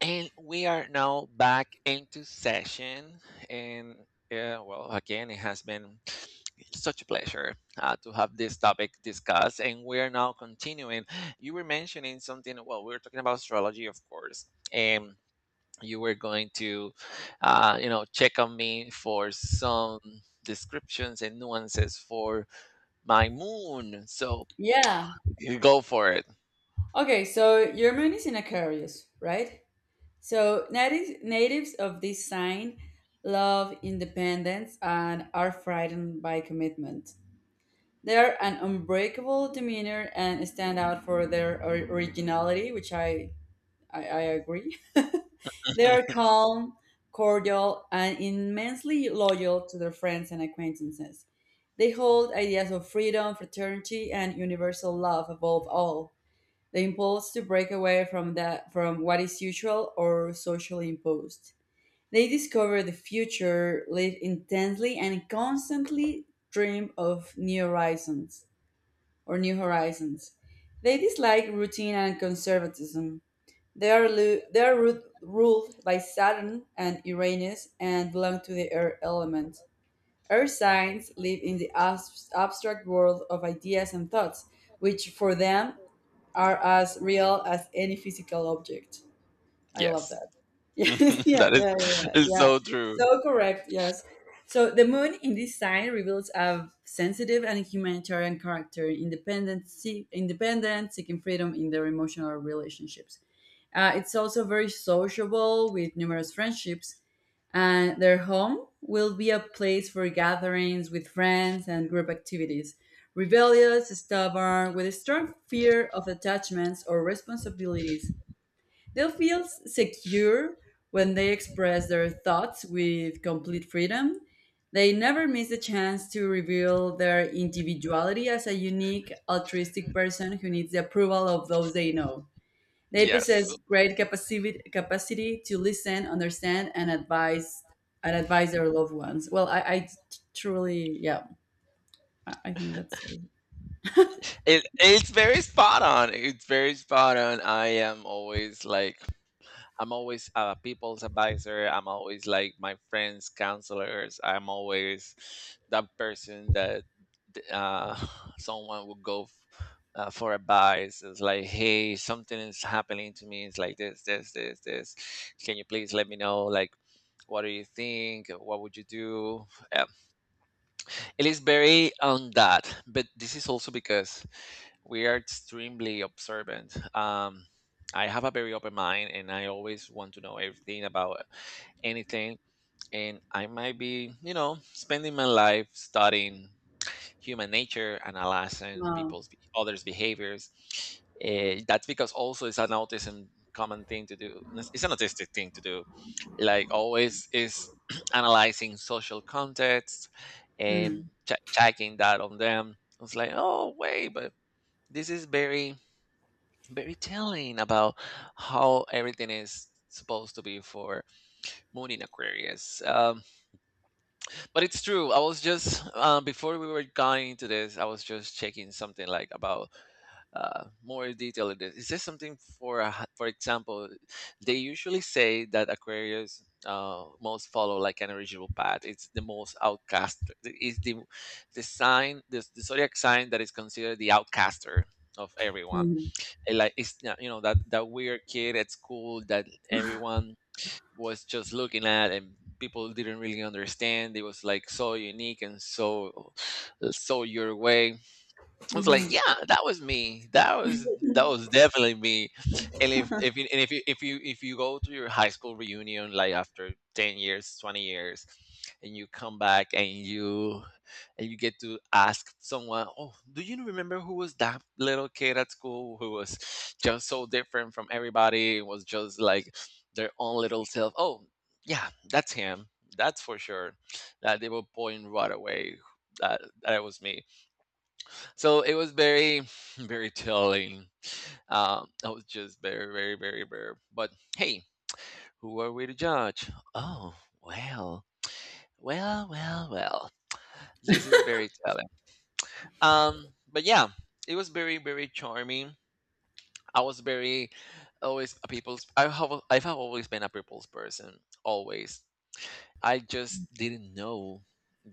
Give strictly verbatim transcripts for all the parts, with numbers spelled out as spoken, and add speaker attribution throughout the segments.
Speaker 1: And we are now back into session. And yeah, well, again, it has been such a pleasure uh, to have this topic discussed. And we are now continuing. You were mentioning something, well, we were talking about astrology, of course. And you were going to, uh, you know, check on me for some descriptions and nuances for my moon. So
Speaker 2: Yeah.
Speaker 1: you go for it.
Speaker 2: Okay, so your moon is in Aquarius, right? So natives natives of this sign love independence and are frightened by commitment. They are an unbreakable demeanor and stand out for their or- originality, which I, I, I agree. They are calm, cordial, and immensely loyal to their friends and acquaintances. They hold ideas of freedom, fraternity, and universal love above all. The impulse to break away from that from what is usual or socially imposed. They discover the future, live intensely and constantly dream of new horizons or new horizons. They dislike routine and conservatism. They are, lu- they are ru- ruled by Saturn and Uranus and belong to the air element. Earth signs live in the abs- abstract world of ideas and thoughts, which for them are as real as any physical object. I love
Speaker 1: Yes,
Speaker 2: that. Yeah, yeah,
Speaker 1: that
Speaker 2: yeah,
Speaker 1: is,
Speaker 2: yeah,
Speaker 1: is
Speaker 2: yeah.
Speaker 1: so true.
Speaker 2: So correct, yes. So the moon in this sign reveals a sensitive and humanitarian character, independent, see, independent, seeking freedom in their emotional relationships. Uh, it's also very sociable with numerous friendships and their home will be a place for gatherings with friends and group activities. Rebellious, stubborn, with a strong fear of attachments or responsibilities, they'll feel secure when they express their thoughts with complete freedom. They never miss the chance to reveal their individuality as a unique, altruistic person who needs the approval of those they know. They
Speaker 1: Yes.
Speaker 2: possess great capacity capacity to listen, understand, and advise and advise their loved ones. Well, I I truly, yeah, I, I think that's
Speaker 1: It it's very spot on. It's very spot on. I am always like I'm always a people's advisor. I'm always like my friends' counselors. I'm always that person that uh, someone would go f- uh, for advice. It's like, hey, something is happening to me. It's like this, this, this, this. Can you please let me know? Like, what do you think? What would you do? It is very on that, but this is also because we are extremely observant. Um, I have a very open mind, and I always want to know everything about anything. And I might be, you know, spending my life studying human nature, analyzing
Speaker 2: wow.
Speaker 1: people's be- others' behaviors. Eh, that's because also it's an autism common thing to do. It's it's an autistic thing to do like always is analyzing social context and
Speaker 2: Mm,
Speaker 1: ch- checking that on them. I was like, oh wait, but this is very very telling about how everything is supposed to be for Moon in Aquarius. Um, but it's true. I was just uh, before we were going into this, I was just checking something like about uh, more detail in this. Is this something for a, h- for example? They usually say that Aquarius uh, most follow like an original path. It's the most outcast. Is the the sign the, the zodiac sign that is considered the outcaster of everyone.
Speaker 2: mm,
Speaker 1: And, like it's not- you know that that weird kid at school that everyone was just looking at and people didn't really understand. It was like so unique and so so your way. I was like,
Speaker 2: mhm,
Speaker 1: "Yeah, that was me. That was that was definitely me." And if if you and if you if you if you go to your high school reunion, like after ten years, twenty years, and you come back and you and you get to ask someone, "Oh, do you remember who was that little kid at school who was just so different from everybody? Was just like their own little self?" Oh, yeah, that's him. That's for sure. That they will point right away that that it was me, so it was very, very telling. Um, I was just very, very, very, very. But hey, who are we to judge? Oh, well, well, well, well. This is very telling. Um, but yeah, it was very, very charming. I was very always a people's. I have, I have always been a people's person. Always. I just didn't know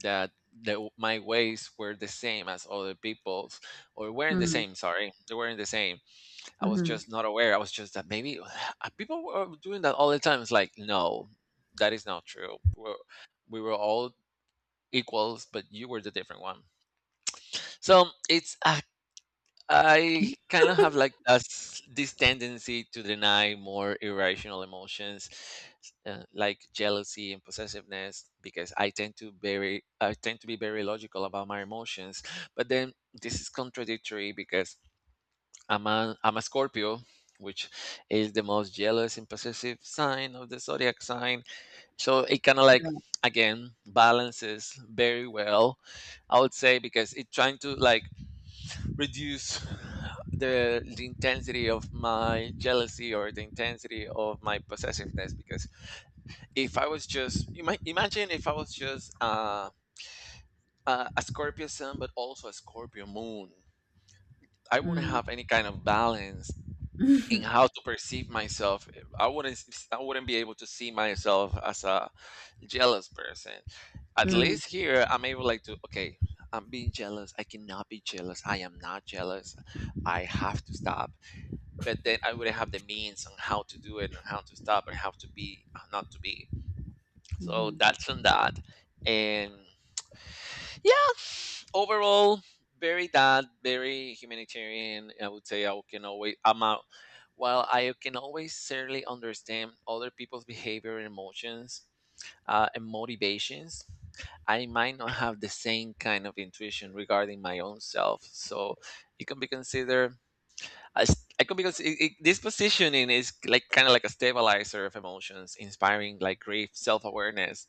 Speaker 1: that the, my ways were the same as other people's, or weren't the
Speaker 2: mm,
Speaker 1: same. Sorry, they weren't the same. I was
Speaker 2: mhm,
Speaker 1: just not aware. I was just that maybe people were doing that all the time. It's like, no, that is not true. We're, we were all equals, but you were the different one. So it's I, I kind of have like a s this tendency to deny more irrational emotions uh, like jealousy and possessiveness because I tend to very I tend to be very logical about my emotions. But then this is contradictory because I'm a, I'm a Scorpio, which is the most jealous and possessive sign of the zodiac sign. So it kind of like again balances very well, I would say, because it's trying to like reduce the, the intensity of my jealousy or the intensity of my possessiveness. Because if I was just, you might imagine if I was just uh, a, a Scorpio sun, but also a Scorpio moon. I wouldn't
Speaker 2: mm,
Speaker 1: have any kind of balance in
Speaker 2: mm,
Speaker 1: how to perceive myself. i wouldn't s- I wouldn't be able to see myself as a jealous person. At
Speaker 2: mm,
Speaker 1: least here I'm able like to, okay, I'm being jealous, I cannot be jealous, I am not jealous, I have to stop. But then I wouldn't have the means on how to do it and how to stop and how to be, how not to be. So
Speaker 2: mhm.
Speaker 1: that's on that. And yeah, overall very that very humanitarian, I would say. i can always i'm out while I can always certainly understand other people's behavior and emotions uh, and motivations. I might not have the same kind of intuition regarding my own self, so it can be considered as I can because it, it, this positioning is like kind of like a stabilizer of emotions, inspiring like grief self-awareness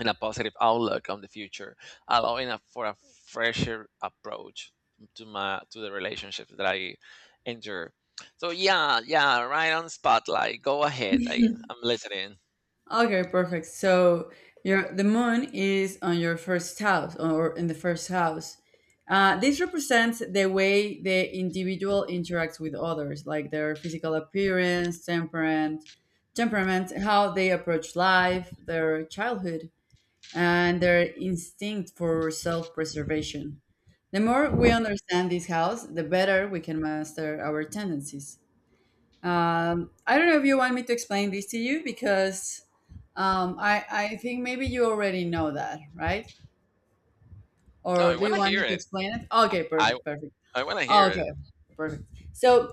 Speaker 1: and a positive outlook on the future, allowing a, for a fresher approach to my to the relationship that I enter. So yeah, yeah, right on spotlight. Go ahead. I, I'm listening.
Speaker 2: Okay, perfect. So your the moon is on your first house or in the first house. Uh, this represents the way the individual interacts with others, like their physical appearance, temperament, temperament, how they approach life, their childhood, and their instinct for self-preservation. The more we understand this house, the better we can master our tendencies. Um, I don't know if you want me to explain this to you because um, I, I think maybe you already know that, right?
Speaker 1: No, I
Speaker 2: Or do
Speaker 1: want
Speaker 2: you
Speaker 1: to
Speaker 2: want
Speaker 1: hear
Speaker 2: me to
Speaker 1: it.
Speaker 2: explain it? Okay,
Speaker 1: I
Speaker 2: perfect, perfect.
Speaker 1: I want to hear it.
Speaker 2: Okay, perfect. So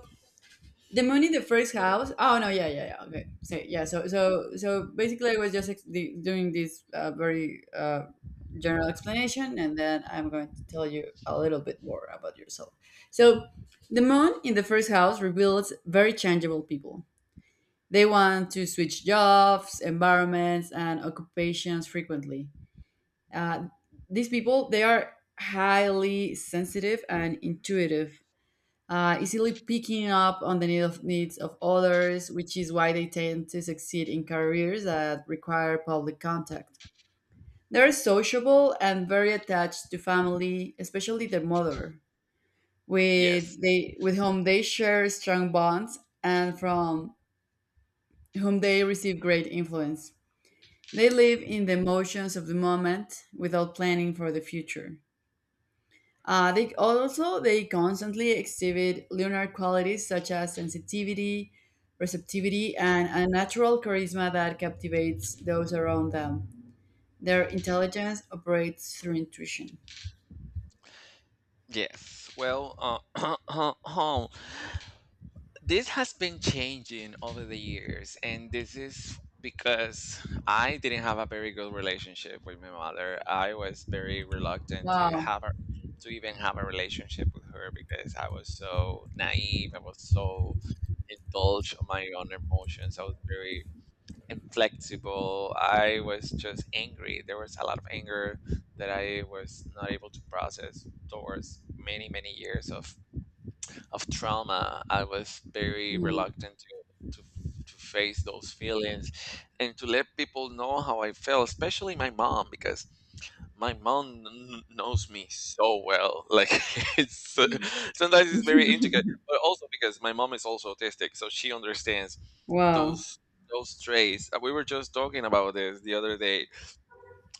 Speaker 2: the moon in the first house. Oh no, yeah, yeah, yeah. Okay, so yeah, so so so basically, I was just ex- the- doing this uh, very uh, general explanation, and then I'm going to tell you a little bit more about yourself. So the moon in the first house reveals very changeable people they want to switch jobs, environments, and occupations frequently. Uh, these people, they are highly sensitive and intuitive, uh, easily picking up on the need of, needs of others, which is why they tend to succeed in careers that require public contact. They're sociable and very attached to family, especially their mother, with
Speaker 1: Yes.
Speaker 2: they with whom they share strong bonds and from whom they receive great influence. They live in the emotions of the moment without planning for the future. Uh, they also they constantly exhibit lunar qualities such as sensitivity, receptivity, and a natural charisma that captivates those around them. Their intelligence operates through intuition.
Speaker 1: Yes. Well, uh, this has been changing over the years and this is because I didn't have a very good relationship with my mother. I was very reluctant to
Speaker 2: Wow.
Speaker 1: have a to even have a relationship with her because I was so naive, I was so indulged on my own emotions, I was very inflexible, I was just angry. There was a lot of anger that I was not able to process towards many many years of of trauma. I was very
Speaker 2: Mm.
Speaker 1: reluctant to, to to face those feelings and to let people know how I felt, especially my mom, because my mom kn- knows me so well. Like it's uh, sometimes it's very intricate, but also because my mom is also autistic, so she understands
Speaker 2: Wow.
Speaker 1: those those traits. Uh, We were just talking about this the other day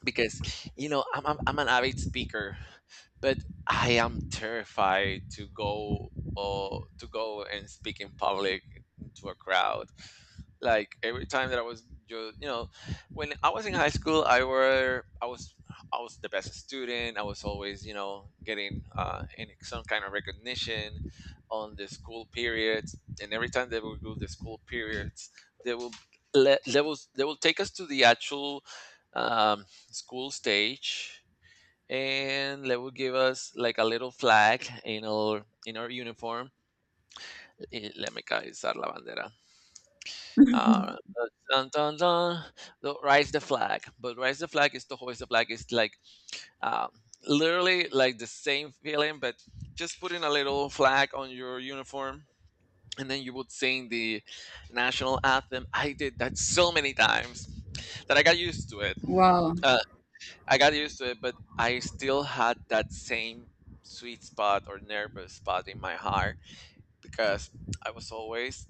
Speaker 1: because you know I'm, I'm I'm an avid speaker, but I am terrified to go or to go and speak in public to a crowd. Like every time that I was just you know, when I was in high school, I were I was I was the best student. I was always you know getting uh, in some kind of recognition on the school periods, and every time they will do the school periods, they will let they will they will take us to the actual. Um, School stage, and they would give us like a little flag in our in our uniform. Y let me caizar la bandera uh, dun, dun, dun, the- rise the flag, but rise the flag is to hoist the flag. It's like um, literally like the same feeling but just putting a little flag on your uniform and then you would sing the national anthem. I did that so many times that I got used to it.
Speaker 2: Wow.
Speaker 1: I got used to it, but I still had that same sweet spot or nervous spot in my heart because I was always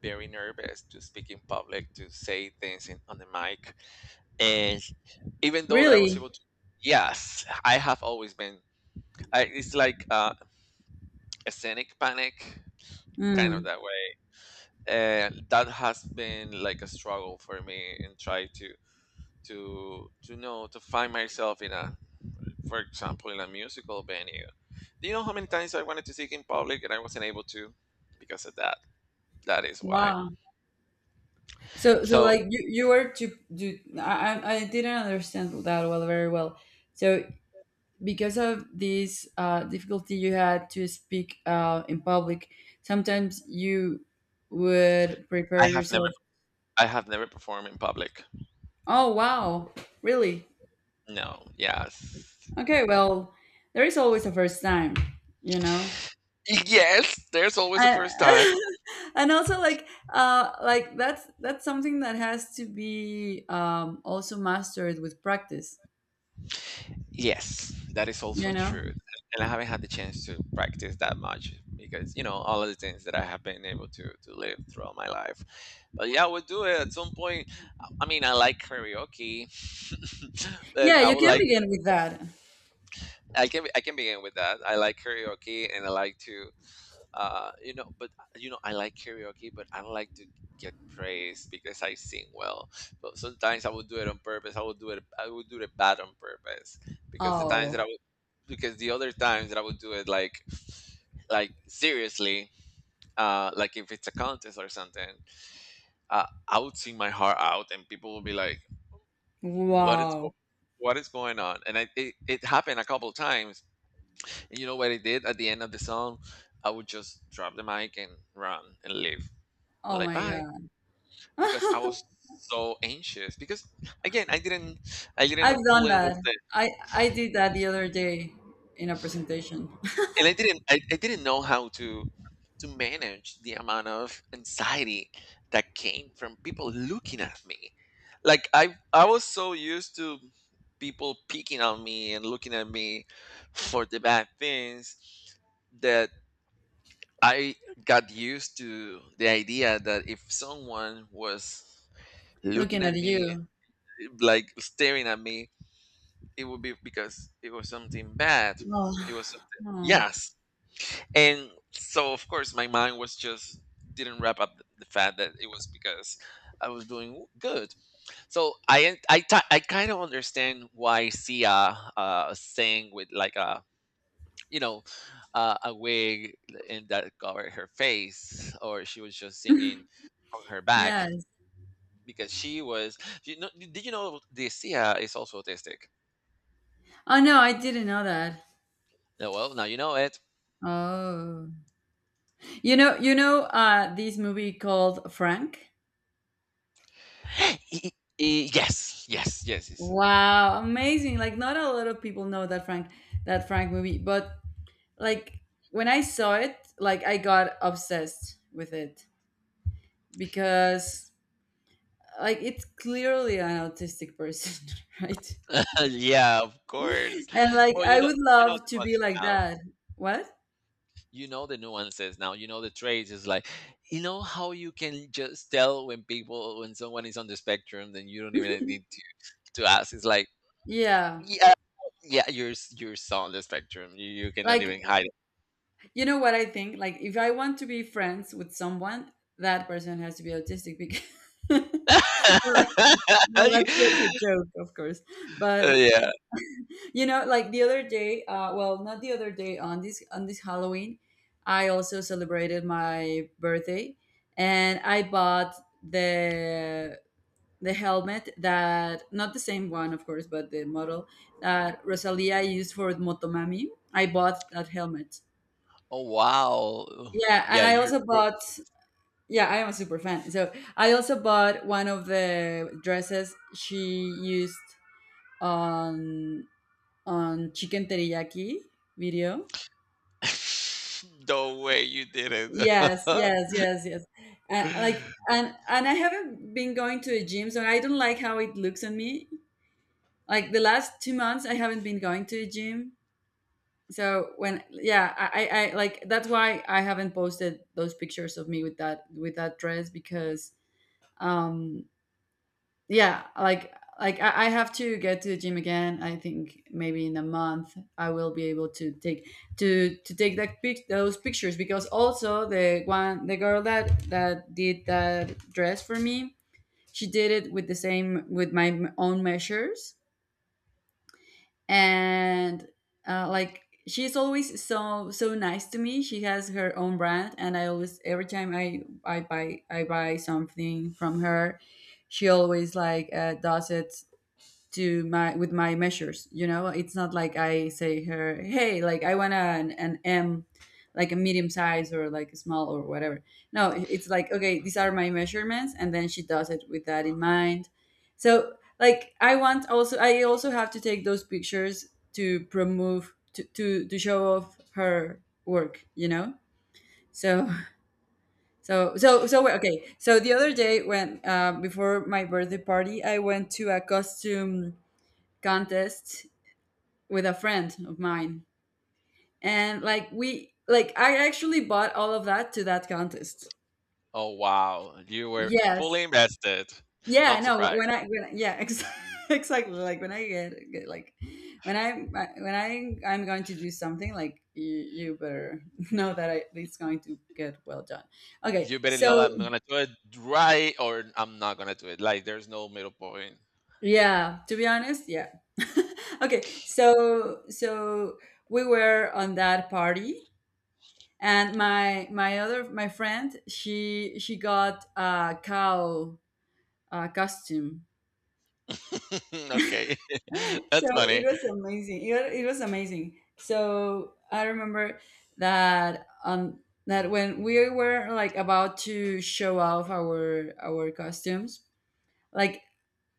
Speaker 1: very nervous to speak in public, to say things in, on the mic. And even though that I was
Speaker 2: Really?
Speaker 1: able to, yes, I have always been, I, it's like uh, a scenic panic, kind of
Speaker 2: Mm.
Speaker 1: that way. And that has been like a struggle for me and try to, to, to know, to find myself in a for example, in a musical venue. Do you know how many times I wanted to sing in public and I wasn't able to because of that? That is why.
Speaker 2: Wow. So, so
Speaker 1: So
Speaker 2: like you, you were to do. I, I I didn't understand that well, very well. So because of this uh, difficulty you had to speak uh, in public, sometimes you would prepare
Speaker 1: I have never,
Speaker 2: yourself.
Speaker 1: I have never performed in public.
Speaker 2: Oh, wow, really?
Speaker 1: No. Yes.
Speaker 2: Okay, well, there is always a first time, you know?
Speaker 1: Yes. There's always a
Speaker 2: And,
Speaker 1: first time.
Speaker 2: and also like uh like that's that's something that has to be um also mastered with practice
Speaker 1: Yes, that is also
Speaker 2: you know
Speaker 1: true. And I haven't had the chance to practice that much because, you know, all of the things that I have been able to, to live throughout my life. But yeah, we'll do it at some point. I I mean, I like karaoke, but
Speaker 2: yeah
Speaker 1: I
Speaker 2: you
Speaker 1: would
Speaker 2: can
Speaker 1: like
Speaker 2: begin with that
Speaker 1: I can I can begin with that. I like karaoke and I like to uh you know but uh, you know I like karaoke but I don't like to get praised because I sing well. But sometimes I would do it on purpose. I would do it I would do it bad on purpose because the times that I
Speaker 2: oh
Speaker 1: would because the other times that I would do it like like seriously uh like if it's a contest or something, uh, I would sing my heart out and people would be like what is
Speaker 2: wow
Speaker 1: go- what is going on. And I, it, it happened a couple times. You know what I did at the end of the song? I would just drop the mic and run and leave.
Speaker 2: oh
Speaker 1: Like
Speaker 2: my
Speaker 1: bye. Because I
Speaker 2: god
Speaker 1: was so anxious. Because again, I didn't I,
Speaker 2: I've
Speaker 1: didn't
Speaker 2: done
Speaker 1: fully
Speaker 2: that.
Speaker 1: understand.
Speaker 2: I I did that the other day in a presentation.
Speaker 1: And I didn't I, I didn't know how to to manage the amount of anxiety that came from people looking at me. Like I I was so used to people picking on me and looking at me for the bad things that I got used to the idea that if someone was looking
Speaker 2: Looking at
Speaker 1: at me,
Speaker 2: you.
Speaker 1: like staring at me, it would be because it was something bad.
Speaker 2: Oh,
Speaker 1: It was something,
Speaker 2: oh,
Speaker 1: yes. And so, of course, my mind was just didn't wrap up the fact that it was because I was doing good. So I I, ti- I kind of understand why Sia uh, sang with like a you know, uh, a wig and that covered her face, or she was just singing on her back
Speaker 2: yes.
Speaker 1: because she was. You know, did you know Sia is also autistic?
Speaker 2: Oh no, I didn't know that.
Speaker 1: Yeah, well, now you know it.
Speaker 2: Oh, you know, you know, uh, this movie called Frank.
Speaker 1: E- e- Yes, yes, yes, yes.
Speaker 2: Wow, amazing! Like not a lot of people know that Frank, that Frank movie, but like when I saw it, like I got obsessed with it because like it's clearly an autistic person, right?
Speaker 1: yeah, of course.
Speaker 2: And like
Speaker 1: Well, you
Speaker 2: I
Speaker 1: know,
Speaker 2: would
Speaker 1: you know
Speaker 2: love
Speaker 1: the
Speaker 2: to be
Speaker 1: nuances
Speaker 2: like
Speaker 1: now.
Speaker 2: that. What?
Speaker 1: You know the nuances now. You know the traits. It's like you know how you can just tell when people when someone is on the spectrum, then you don't even need to to ask. It's like
Speaker 2: Yeah.
Speaker 1: yeah, yeah, you're s- you're so on the spectrum. You you cannot
Speaker 2: Like,
Speaker 1: even hide it.
Speaker 2: you know what I think? Like, if I want to be friends with someone, that person has to be autistic because. Like, well, that's just a joke, of course. But
Speaker 1: yeah.
Speaker 2: you know, like the other day, uh, well, not the other day on this on this Halloween, I also celebrated my birthday, and I bought the the helmet that not the same one of course but the model that Rosalia used for Motomami. I bought that helmet,
Speaker 1: Oh wow.
Speaker 2: yeah,
Speaker 1: Yeah,
Speaker 2: and I
Speaker 1: you're.
Speaker 2: also
Speaker 1: you're-
Speaker 2: bought, yeah, I am a super fan, so I also bought one of the dresses she used on on Chicken Teriyaki video.
Speaker 1: no way, you did it.
Speaker 2: Yes, yes, yes, yes. And like, and and I haven't been going to a gym, so I don't like how it looks on me. Like the last two months I haven't been going to a gym. So when yeah I, I I- Like that's why I haven't posted those pictures of me with that with that dress because um yeah, like, like i, I have to get to the gym again. I think maybe in a month I will be able to take to to take that pic those pictures because also the one the girl that that did that dress for me, she did it with the same with my own measures. And uh, like she's always so so nice to me. She has her own brand and I always every time i i buy i buy something from her, she always like uh, does it to my with my measures. You know, it's not like I say her, hey, like I want an, an m, like a medium size or like a small or whatever. No, it's like okay, these are my measurements and then she does it with that in mind. So like I want also I also have to take those pictures to promote to to, to show off her work, you know. So so so so okay, so the other day when uh, before my birthday party I went to a costume contest with a friend of mine. And like we like I actually bought all of that to that contest.
Speaker 1: oh wow, you were
Speaker 2: Yes.
Speaker 1: fully invested.
Speaker 2: Yeah,
Speaker 1: Not
Speaker 2: no,
Speaker 1: surprised.
Speaker 2: wh- when I when yeah, ex- exactly, like when I get, get like when I when I I'm going to do something, like you, you better know that I, it's going to get well done. Okay.
Speaker 1: You better know
Speaker 2: So,
Speaker 1: I'm gonna do it right, or I'm not gonna do it. Like there's no middle point.
Speaker 2: yeah, to be honest, yeah. Okay. So so we were on that party. And my my other my friend, she she got a cow uh, costume.
Speaker 1: okay,
Speaker 2: So
Speaker 1: that's
Speaker 2: it
Speaker 1: funny.
Speaker 2: was amazing. It, wa- it was amazing. So I remember that on that when we were like about to show off our our costumes, like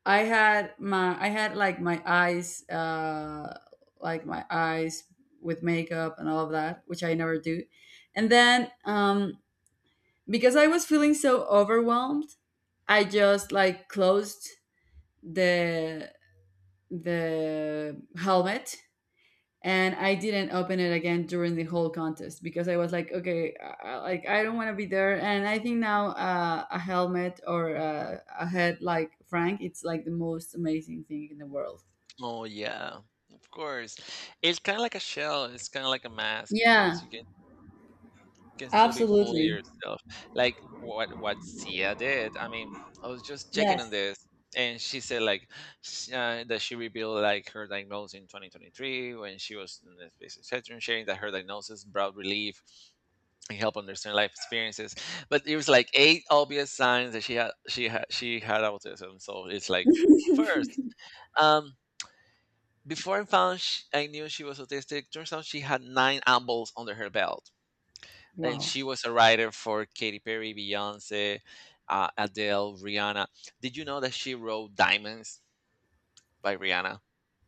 Speaker 2: I had my I had like my eyes uh like my eyes with makeup and all of that, which I never do. And then um because I was feeling so overwhelmed, I just like closed the the helmet and I didn't open it again during the whole contest because I was like, okay, uh, uh, like I don't want to be there. And I think now uh, a helmet or uh, a head like Frank, it's like the most amazing thing in the world.
Speaker 1: Oh yeah, of course. It's kind of like a shell. It's kind of like a mask because
Speaker 2: Yeah,
Speaker 1: you can you can still be fully
Speaker 2: absolutely.
Speaker 1: yourself. Like what what Sia did. I mean, I was just checking on
Speaker 2: Yes.
Speaker 1: this, and she said like sh- uh, that she revealed like her diagnosis in twenty twenty-three when she was in the space session, sharing that her diagnosis brought relief and help understand life experiences. But it was like eight obvious signs that she had she had she had autism. So it's like first. Um, Before I found sh I knew she was autistic, turns out she had nine albums under her belt, and
Speaker 2: Wow.
Speaker 1: she was a writer for Katy Perry, Beyonce, uh, Adele, Rihanna. Did you know that she wrote "Diamonds" by Rihanna?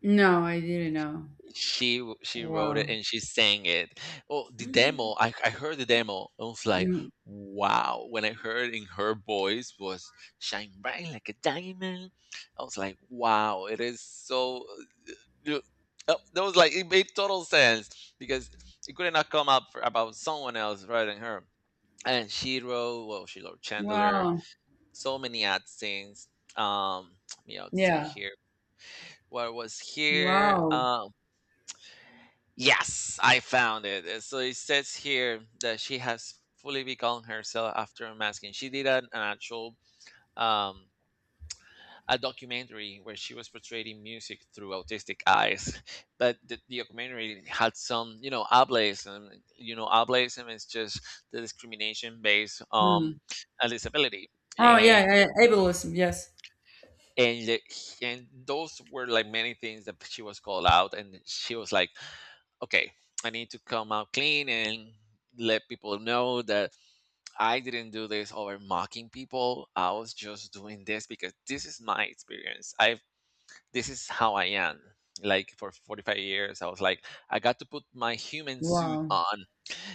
Speaker 2: No, I didn't know.
Speaker 1: She w- she wrote it
Speaker 2: Wow.
Speaker 1: and she sang it. Oh, the demo!
Speaker 2: Mm.
Speaker 1: I I heard the demo. I was like, wow! When I heard in her voice was shine bright like a diamond. I was like, wow! It is so. You- uh, uh, That was like it made total sense because it could not come up for, about someone else rather than her. And she wrote, well, she wrote Chandler,
Speaker 2: Wow.
Speaker 1: so many ad scenes. Um, let me out see
Speaker 2: Yeah.
Speaker 1: here. What was here?
Speaker 2: Wow.
Speaker 1: Um, Yes, I found it. Uh, So it says here that she has fully become herself after unmasking. She did an, an actual um, a documentary where she was portraying music through autistic eyes, but the, the documentary had some, you know, ableism. You know, ableism is just the discrimination based
Speaker 2: Hmm.
Speaker 1: on a disability,
Speaker 2: Oh yeah,
Speaker 1: and
Speaker 2: yeah, yeah, ableism. Yes.
Speaker 1: and the- and those were like many things that she was called out, and she was like okay, I need to come out clean and let people know that I didn't do this over mocking people. I was just doing this because this is my experience. I've This is how I am. Like for forty-five years, I was like, I got to put my human suit
Speaker 2: Wow.
Speaker 1: on.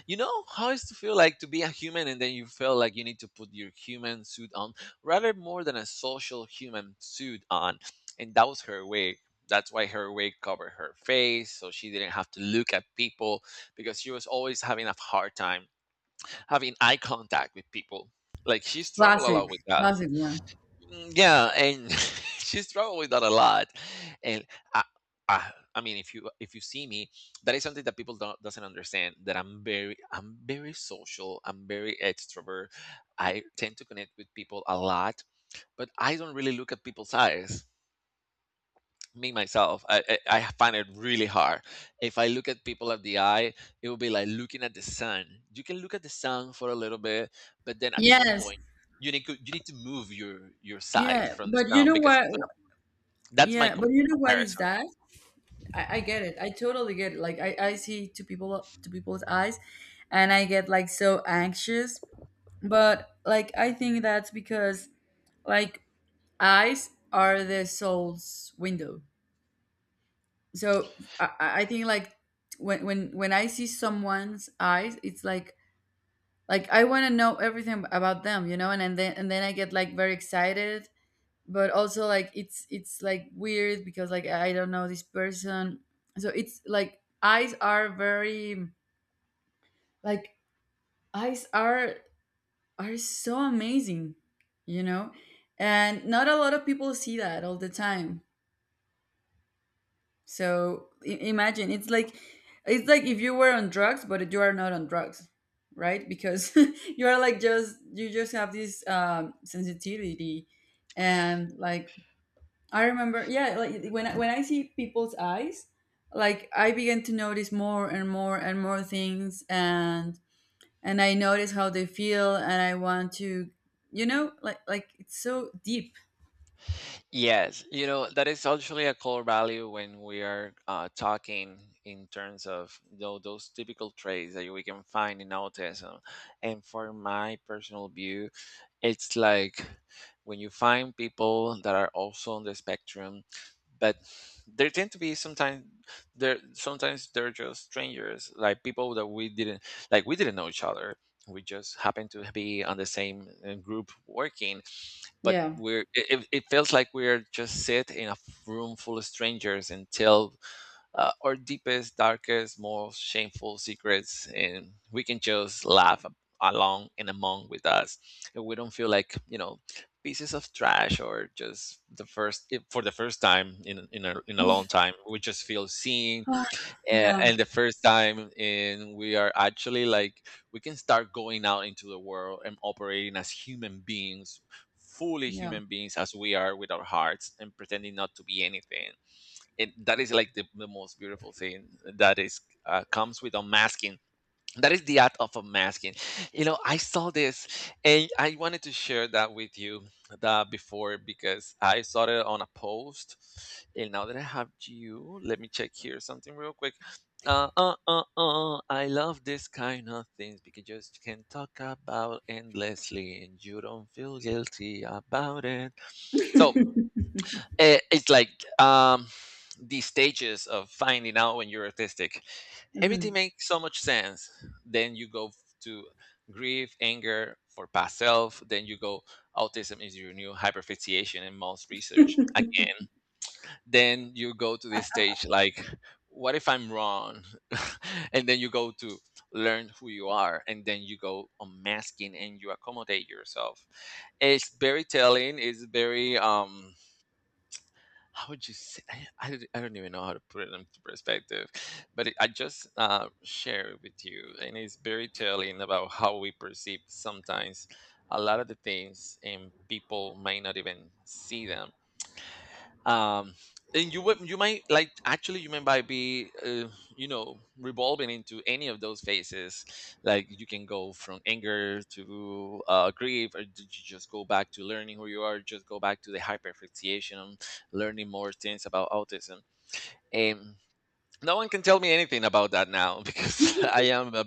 Speaker 1: You know how it's to feel like to be a human, and then you feel like you need to put your human suit on, rather more than a social human suit on. And that was her wig. That's why her wig covered her face, so she didn't have to look at people because she was always having a hard time having eye contact with people. Like she struggled a
Speaker 2: Classic.
Speaker 1: lot with that.
Speaker 2: Classic one.
Speaker 1: Mm, yeah, and she's traveled with that a lot. And I, I, I mean, if you if you see me, that is something that people don't doesn't understand. That I'm very I'm very social. I'm very extrovert. I tend to connect with people a lot, but I don't really look at people's eyes. Me myself I, I I find it really hard. If I look at people at the eye, it will be like looking at the sun. You can look at the sun for a little bit, but then at some
Speaker 2: Yes.
Speaker 1: point you need to, you need to move your your side
Speaker 2: Yeah.
Speaker 1: from the
Speaker 2: But you
Speaker 1: sun
Speaker 2: know
Speaker 1: because it's
Speaker 2: what?
Speaker 1: gonna, that's my
Speaker 2: Yeah.
Speaker 1: com-
Speaker 2: But you know what is
Speaker 1: comparison.
Speaker 2: that? I, I get it. I totally get it. Like I, I see to people to people's eyes, and I get like so anxious. But like I think that's because like eyes are the soul's window. So I, I I think like when when when I see someone's eyes, it's like like I want to know everything about them, you know, and, and then and then I get like very excited. But also like it's it's like weird because like I don't know this person. So it's like eyes are very, like eyes are are so amazing, you know, and not a lot of people see that all the time. So I- imagine it's like it's like if you were on drugs, but you are not on drugs, right? Because you are like just you just have this um, sensitivity, and like I remember, yeah, like when I, when I see people's eyes, like I begin to notice more and more and more things, and and I notice how they feel, and I want to, you know, like like it's so deep.
Speaker 1: Yes, you know, that is actually a core value when we are uh, talking in terms of, you know, those typical traits that we can find in autism. And for my personal view, it's like when you find people that are also on the spectrum, but there tend to be sometimes there sometimes they're just strangers, like people that we didn't like we didn't know each other. We just happen to be on the same uh, group working, but
Speaker 2: Yeah.
Speaker 1: we're it, it it feels like we're just sit in a room full of strangers and tell uh, our deepest darkest most shameful secrets, and we can just laugh a- along and among with us, and we don't feel like, you know, pieces of trash, or just the first if- for the first time in in a, in a long time we just feel seen, and,
Speaker 2: Yeah.
Speaker 1: and the first time in we are actually like we can start going out into the world and operating as human beings, fully
Speaker 2: Yeah.
Speaker 1: human beings as we are with our hearts, and pretending not to be anything. And that is like the, the most beautiful thing, that is uh, comes with unmasking. That is the art of unmasking. You know, I saw this and I wanted to share that with you, that before, because I saw it on a post, and now that I have you, let me check here something real quick. uh, uh, uh, uh, I love this kind of things because you just can talk about endlessly and you don't feel guilty about it. So eh, it's like, um, the stages of finding out when you're autistic, everything
Speaker 2: Mhm.
Speaker 1: makes so much sense. Then you go to grief, anger for past self. Then you go autism is your new hyperfixation in most research. Again, then you go to this stage like, what if I'm wrong? and then you go to learn who you are, and then you go unmasking and you accommodate yourself. It's very telling. It's very um how would you say, I, I, don't I don't even know how to put it into perspective, but it, I just uh, share it with you, and it's very telling about how we perceive sometimes a lot of the things and people may not even see them. um and you would you might, like actually you might might be uh, you know, revolving into any of those phases. Like you can go from anger to uh, grief, or did you just go back to learning who you are, just go back to the hyperfixation, learning more things about autism. And no one can tell me anything about that now, because i am a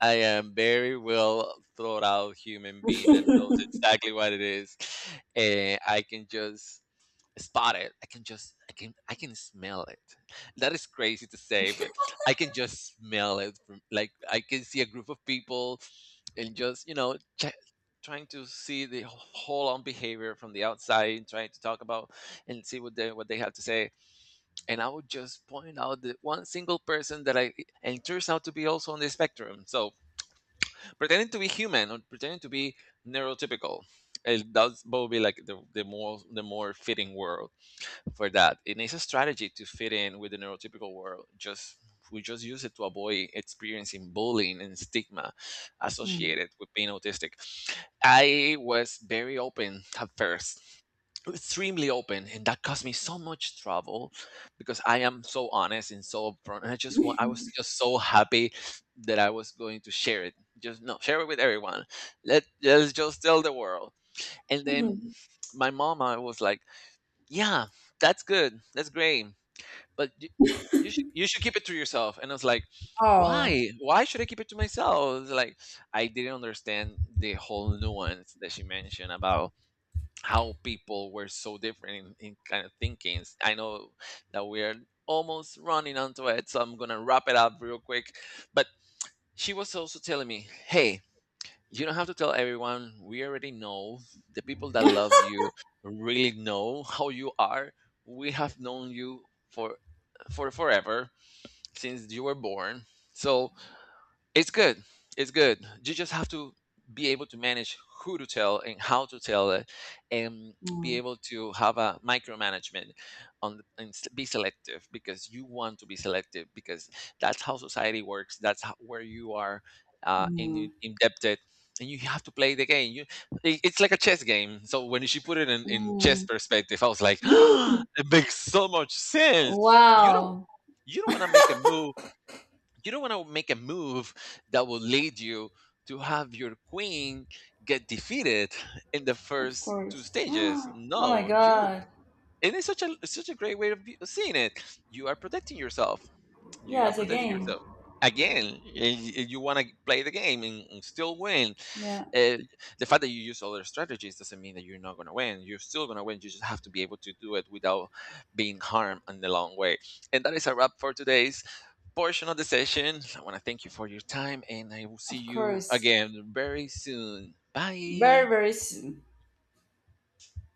Speaker 1: I am very well thought out human being that knows exactly what it is. And I can just spot it. I can just, I can I can smell it. That is crazy to say, but I can just smell it from, like I can see a group of people and just, you know, check, trying to see the whole on behavior from the outside and trying to talk about and see what they what they have to say, and I would just point out the one single person that I and it turns out to be also on the spectrum. So pretending to be human or pretending to be neurotypical, it does probably like the, the more the more fitting word for that. And it's a strategy to fit in with the neurotypical world. Just we just use it to avoid experiencing bullying and stigma associated with being autistic. I was very open at first, extremely open, and that caused me so much trouble because I am so honest and so upfront. And I just want, I was just so happy that I was going to share it. Just no, share it with everyone. Let let's just tell the world. And then
Speaker 2: Mhm.
Speaker 1: my mama was like, yeah, that's good. That's great. But you, you should you should keep it to yourself. And I was like,
Speaker 2: Oh.
Speaker 1: why? Why should I keep it to myself? It's like I didn't understand the whole nuance that she mentioned about how people were so different in, in kind of thinkings. I know that we're almost running onto it, so I'm gonna wrap it up real quick. But she was also telling me, hey, you don't have to tell everyone, we already know the people that love you really know how you are. We have known you for for forever, since you were born. So it's good. It's good. You just have to be able to manage who to tell and how to tell it, and
Speaker 2: Mm,
Speaker 1: be able to have a micromanagement on and s- be selective, because you want to be selective because that's how society works. That's how, where you are uh, in,
Speaker 2: mm,
Speaker 1: indebted, and you have to play the game. You, i- it's like a chess game. So when she put it in, in chess
Speaker 2: mm.
Speaker 1: perspective, I was like,
Speaker 2: Really?
Speaker 1: it makes so much sense. You don't
Speaker 2: Wow.
Speaker 1: you don't want to make a move, you don't want to make a move that will lead you to have your queen get defeated in the
Speaker 2: Of
Speaker 1: first two
Speaker 2: course.
Speaker 1: stages.
Speaker 2: Oh my
Speaker 1: No, you,
Speaker 2: God.
Speaker 1: and it's such a such a great way of be- seeing it. You are protecting yourself. You
Speaker 2: Yeah,
Speaker 1: are
Speaker 2: it's a
Speaker 1: protecting
Speaker 2: game.
Speaker 1: yourself again. and y- You want to play the game and, and still win.
Speaker 2: Yeah,
Speaker 1: uh, the fact that you use other strategies doesn't mean that you're not going to win. You're still going to win. You just have to be able to do it without being harmed in the long way. And that is a wrap for today's portion of the session. I want to thank you for your time, and I will see
Speaker 2: of
Speaker 1: you
Speaker 2: course.
Speaker 1: again very soon.
Speaker 2: Very,
Speaker 1: Bye.
Speaker 2: very, s-